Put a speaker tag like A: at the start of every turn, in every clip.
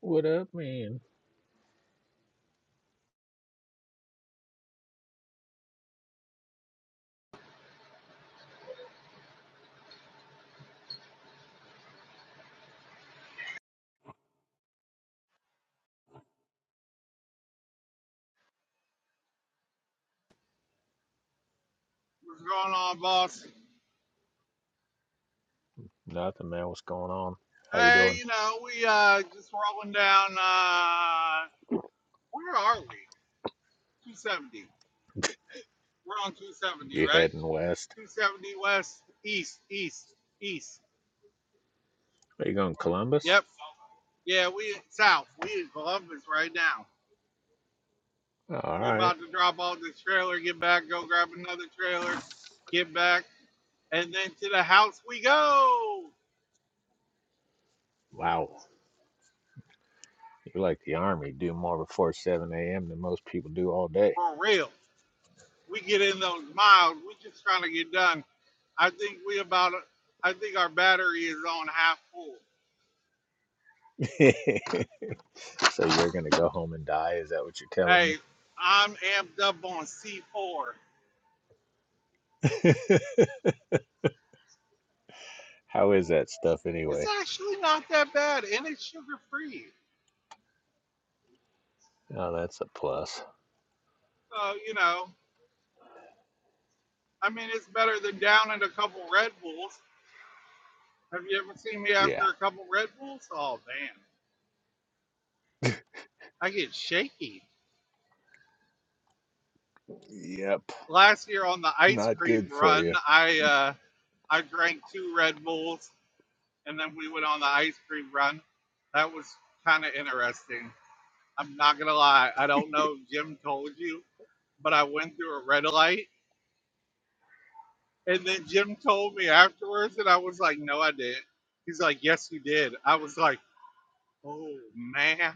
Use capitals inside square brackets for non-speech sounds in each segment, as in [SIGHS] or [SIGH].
A: What up, man?
B: What's going on, boss?
A: Nothing, man. What's going on? How you
B: Hey,
A: doing?
B: you know, we uh just rolling down uh where are we? 270. We're on 270,
A: You
B: right?
A: heading west?
B: 270 west, east, east, east.
A: Are you going to Columbus?
B: Yep. Yeah, we south. We in Columbus right now.
A: All
B: We're
A: right.
B: about to drop off this trailer, get back, go grab another trailer, get back, and then to the house we go.
A: Wow. you like the army. Do more before 7 a.m. than most people do all day.
B: For real. We get in those miles. We just trying to get done I think we about I think our battery is on half full.
A: [LAUGHS] so you're going to go home and die? Is that what you're telling me?
B: Hey, I'm amped up on C4.
A: [LAUGHS] How is that stuff
B: It's
A: anyway?
B: actually not that bad and it's sugar free.
A: Oh, that's a plus.
B: So, you know, I mean it's better than downing a couple Red Bulls. Have you ever seen me after
A: Yeah.
B: a couple Red Bulls? Oh man, I get shaky.
A: Yep.
B: Last year on the ice
A: Not
B: cream
A: good for
B: run,
A: you.
B: I uh I drank two Red Bulls and then we went on the ice cream run. That was kind of interesting. I'm not gonna lie. I don't know if Jim told you, but I went through a red light, and then Jim told me afterwards, and I was like, "No, I didn't." He's like, "Yes, you did." I was like, "Oh man,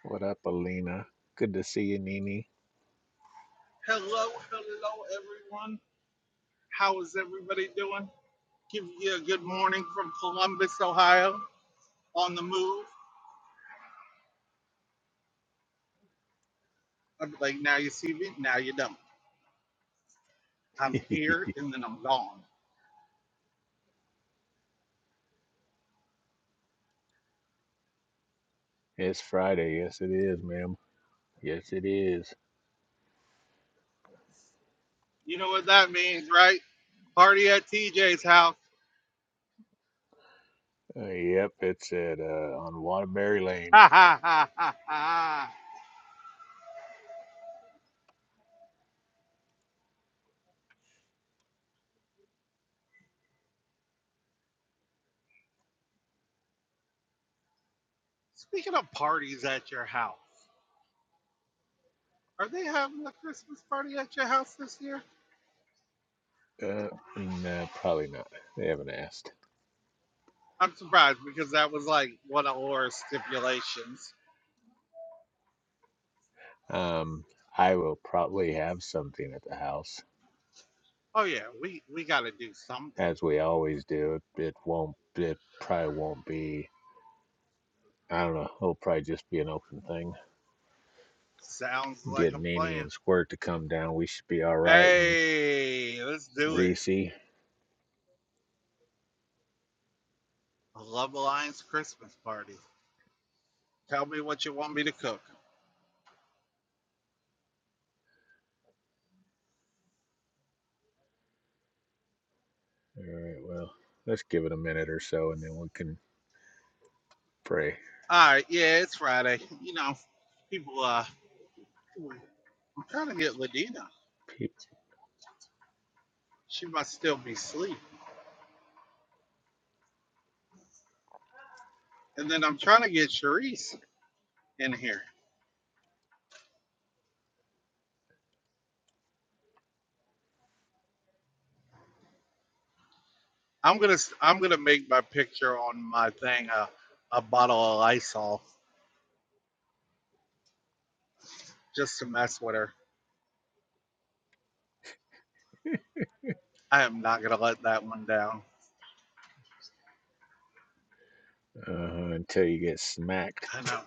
A: What up, Alina? Good to see you, Nini.
B: hello, hello, everyone. How is everybody doing? Give you a good morning from Columbus, Ohio, on the move." I'm like, "Now you see me, now you don't. I'm
A: [LAUGHS]
B: here, and then I'm gone."
A: It's Friday. Yes, it is, ma'am. Yes, it is.
B: You know what that means, right? Party at TJ's house. [LAUGHS]
A: Uh, yep, it's at uh, on Waterbury Lane.
B: Ha ha ha ha ha. Speaking of parties at your house, are they having a Christmas party at your house this year?
A: Uh, no, probably not. They haven't asked.
B: I'm surprised because that was like one of our stipulations.
A: Um, I will probably have something at the house,
B: Oh yeah, we we got to do something.
A: as we always do. It, it won't. It probably won't be. I don't know. It'll probably just be an open thing.
B: Sounds
A: Get
B: like a
A: Nene
B: plan.
A: and Squirt to come down. We should be all right. And
B: Hey, let's do it.
A: Reese. All
B: A Love Alliance Christmas party. Tell me what you want me to cook.
A: right. Well, let's give it a minute or so, and then we can pray.
B: All right, yeah, it's Friday. [LAUGHS] You know, people. Uh, I'm trying to get Ladina.
A: Peop-
B: She must still be asleep. And then I'm trying to get Charisse in here. I'm gonna s- I'm gonna make my picture on my thing a a bottle of Lysol just to mess with her. I am not gonna let that one down.
A: Uh, until you get smacked.
B: I know.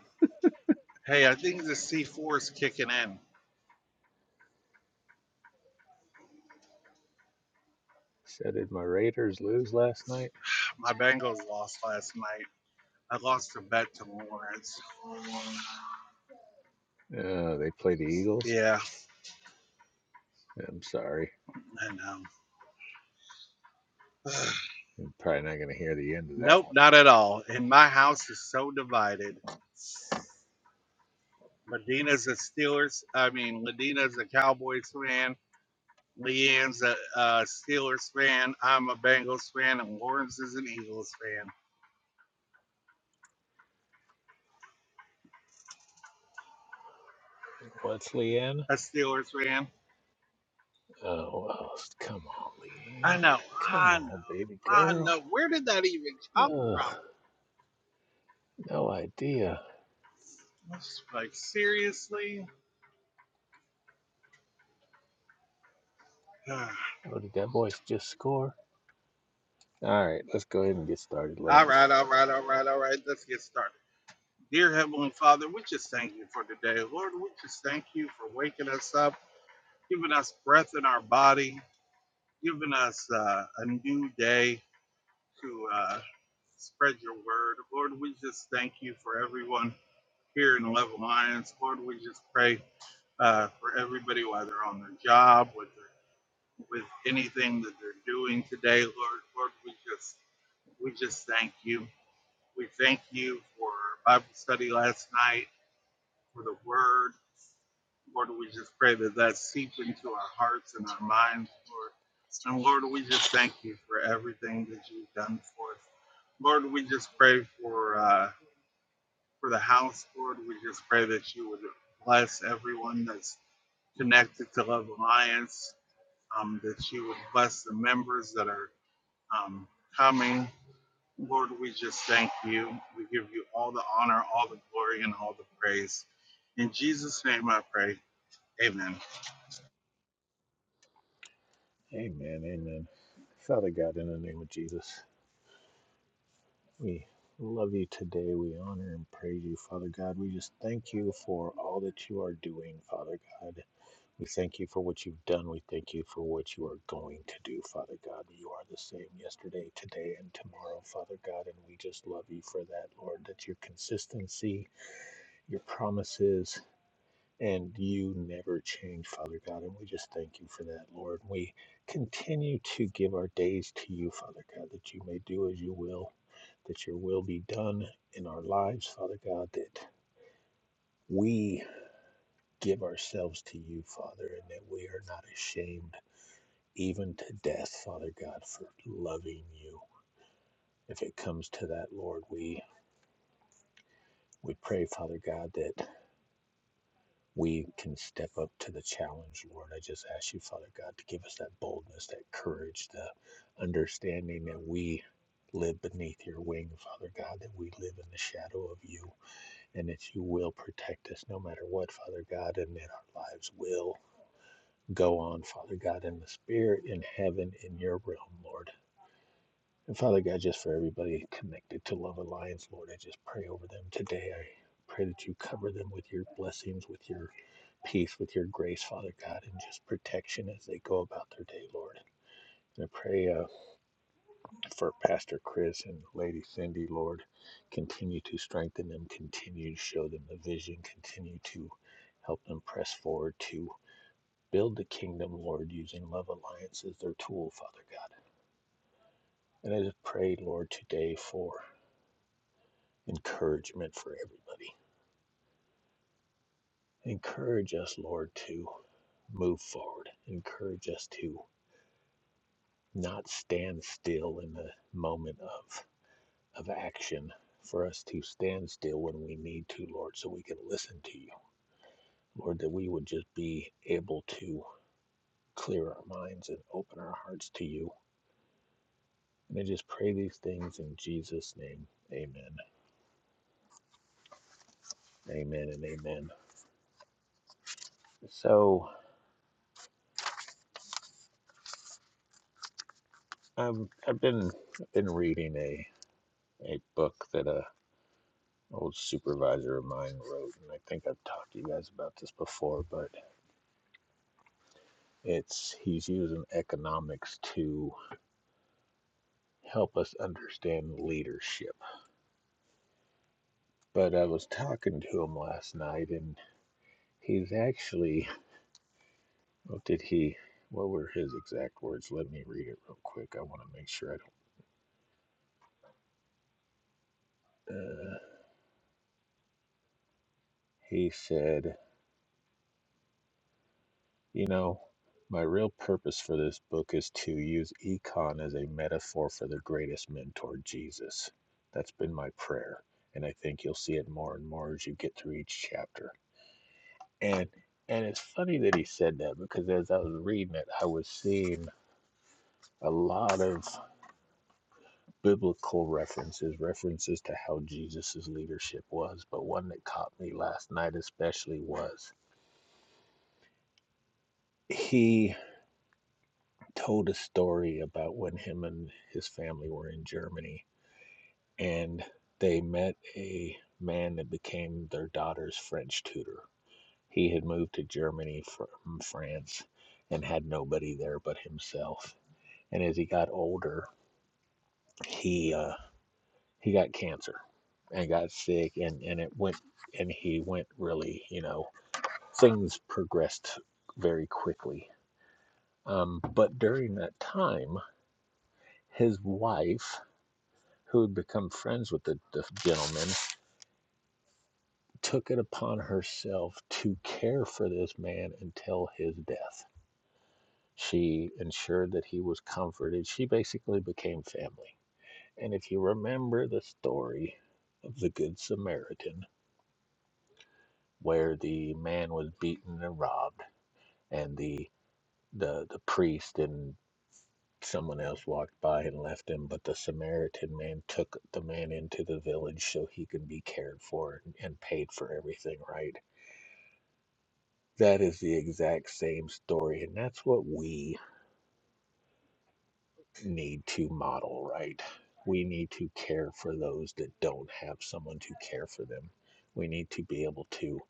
B: Hey, I think the C4 is kicking in.
A: So did my Raiders lose last night?
B: My Bengals lost last night. I lost a bet to Lawrence.
A: Uh, they play the Eagles.
B: Yeah,
A: I'm sorry.
B: I know. [SIGHS]
A: I'm probably not going to hear the end of that
B: nope,
A: one.
B: not at all. And my house is so divided. Medina's a Steelers. I mean, Medina's a Cowboys fan. Leanne's a, a Steelers fan. I'm a Bengals fan, and Lawrence is an Eagles fan.
A: What's Leanne?
B: A Steelers fan.
A: Oh, oh, come on,
B: I
A: Leanne.
B: know.
A: Come
B: I know.
A: on, baby
B: I
A: girl.
B: know. Where did that even come
A: Ugh,
B: from?
A: no idea.
B: It's Like seriously. [SIGHS] all
A: Oh, did that boy just score? All right, let's go ahead and get started, Lance.
B: right. All right. All right. All right. Let's get started. Dear Heavenly Father, we just thank you for today, Lord. We just thank you for waking us up, giving us breath in our body, giving us uh, a new day to uh, spread your word. Lord, we just thank you for everyone here in the Love Alliance. Lord, we just pray uh, for everybody while they're on their job, with their, with anything that they're doing today. Lord, Lord, we just we just thank you. We thank you for our Bible study last night, for the Word. Lord, we just pray that that seeps into our hearts and our minds, Lord. And Lord, we just thank you for everything that you've done for us. Lord, we just pray for uh, for the house, Lord. We just pray that you would bless everyone that's connected to Love Alliance, um, that you would bless the members that are um, coming. Lord, we just thank you. We give you all the honor, all the glory, and all the praise. In Jesus' name I pray. Amen.
A: Amen, amen. Father God, in the name of Jesus, we love you today. We honor and praise you, Father God. We just thank you for all that you are doing, Father God. We thank you for what you've done. We thank you for what you are going to do, Father God. You are the same yesterday, today, and tomorrow, Father God. And we just love you for that, Lord, that your consistency, your promises, and you never change, Father God. And we just thank you for that, Lord. We continue to give our days to you, Father God, that you may do as you will, that your will be done in our lives, Father God, that we give ourselves to you, Father, and that we are not ashamed even to death, Father God, for loving you. If it comes to that, Lord, we we pray, Father God, that we can step up to the challenge, Lord. I just ask you, Father God, to give us that boldness, that courage, the understanding that we live beneath your wing, Father God, that we live in the shadow of you, and that you will protect us no matter what, Father God, and that our lives will go on, Father God, in the spirit, in heaven, in your realm, Lord. And Father God, just for everybody connected to Love Alliance, Lord, I just pray over them today. I pray that you cover them with your blessings, with your peace, with your grace, Father God, and just protection as they go about their day, Lord. I pray uh, for Pastor Chris and Lady Cindy, Lord. Continue to strengthen them, continue to show them the vision, continue to help them press forward to build the kingdom, Lord, using Love Alliance as their tool, Father God. And I just pray, Lord, today for encouragement for everybody. Encourage us, Lord, to move forward. Encourage us to not stand still in the moment of, of action, for us to stand still when we need to, Lord, so we can listen to you. Lord, that we would just be able to clear our minds and open our hearts to you. And I just pray these things in Jesus' name. Amen. Amen and amen. So I've I've been I've been reading a a book that a. old supervisor of mine wrote, and I think I've talked to you guys about this before, but it's he's using economics to help us understand leadership. But I was talking to him last night, and he's actually what did he? What were his exact words? Let me read it real quick. I want to make sure I don't. Uh, he said. You know, my real purpose for this book is to use econ as a metaphor for the greatest mentor, Jesus. That's been my prayer, and I think you'll see it more and more as you get through each chapter. And and it's funny that he said that because as I was reading it, I was seeing a lot of biblical references, references to how Jesus' leadership was, but one that caught me last night especially was he told a story about when him and his family were in Germany and they met a man that became their daughter's French tutor. He had moved to Germany from France and had nobody there but himself. And as he got older, he uh, he got cancer and got sick and, and it went and he went really, you know, things progressed very quickly. Um, but during that time, his wife who had become friends with the, the gentleman, took it upon herself to care for this man until his death. She ensured that he was comforted. She basically became family. And if you remember the story of the Good Samaritan, where the man was beaten and robbed, and the the, the priest and someone else walked by and left him, but the Samaritan man took the man into the village so he could be cared for and, and paid for everything, right? That is the exact same story. And that's what we need to model, right? We need to care for those that don't have someone to care for them. We need to be able to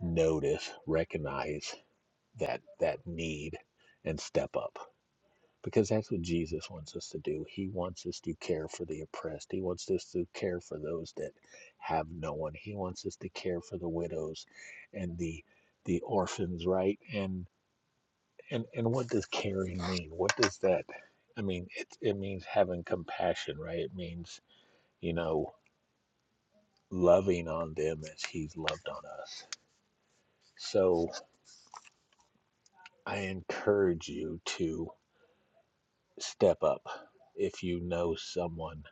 A: notice, recognize that that need and step up. Because that's what Jesus wants us to do. He wants us to care for the oppressed. He wants us to care for those that have no one. He wants us to care for the widows and the the orphans, right? And And and what does caring mean? What does that? I mean, it it means having compassion, right? It means you know loving on them as He's loved on us. So I encourage you to step up if you know someone,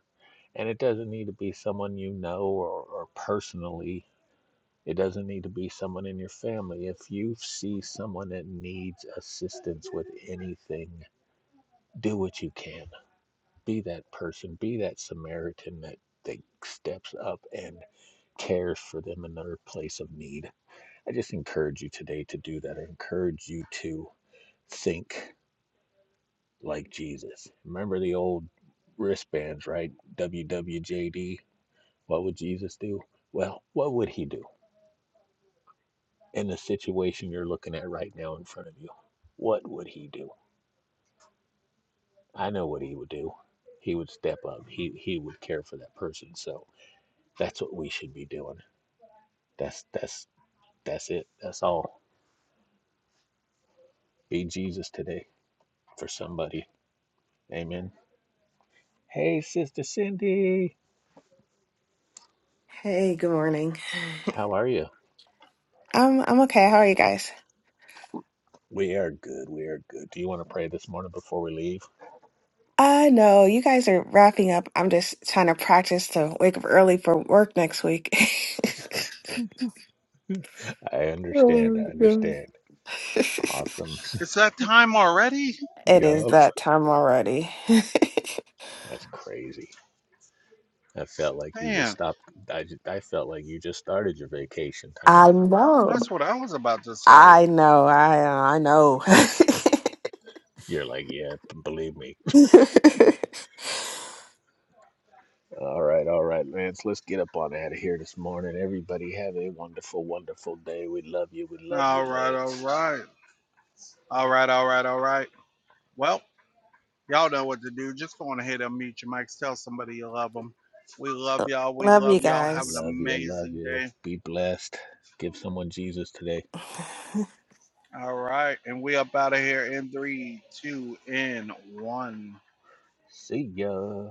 A: and it doesn't need to be someone you know or, or personally. It doesn't need to be someone in your family. If you see someone that needs assistance with anything, do what you can Be that person, be that Samaritan that, that steps up and cares for them in their place of need. I just encourage you today to do that. I encourage you to think like Jesus. Remember the old wristbands, right? WWJD. What would Jesus do? Well, what would he do in the situation you're looking at right now in front of you? What would he do? I know what he would do. He would step up. He he would care for that person. So that's what we should be doing. That's that's that's it. That's all. Be Jesus today for somebody. Amen. Hey, Sister Cindy,
C: Hey, good morning.
A: how are you?
C: Um, I'm okay. How are you guys?
A: We are good. We are good. Do you want to pray this morning before we leave?
C: I know you guys are wrapping up. I'm just trying to practice to wake up early for work next week. [LAUGHS]
A: I understand.
C: Oh,
A: I
C: God.
A: understand.
C: [LAUGHS] it
A: Awesome.
B: It's that time already?
C: is
A: Yup.
C: that time already. [LAUGHS]
A: That's crazy. I felt like you just
B: Man,
A: stopped. I, ju- I felt like you just started your vacation time.
C: I know.
B: that's what I was about to say.
C: I know. I I know.
A: You're like, yeah, b- believe me. All right, all right, Lance. Let's get up on out of here this morning. Everybody have a wonderful, wonderful day. We love you. We love
B: All
A: you,
B: right, all
A: Lance.
B: right. All right, all right, all right. Well, y'all know what to do. Just go on ahead and mute your mics. Tell somebody you love them. We love y'all.
C: [LAUGHS]
B: We
C: Love you
B: love y'all. Have an
C: guys.
A: Love you. I Love
B: amazing
A: you.
B: day.
A: Be blessed. Give someone Jesus today.
B: All right, and we up out of here in three, two, and one.
A: See ya.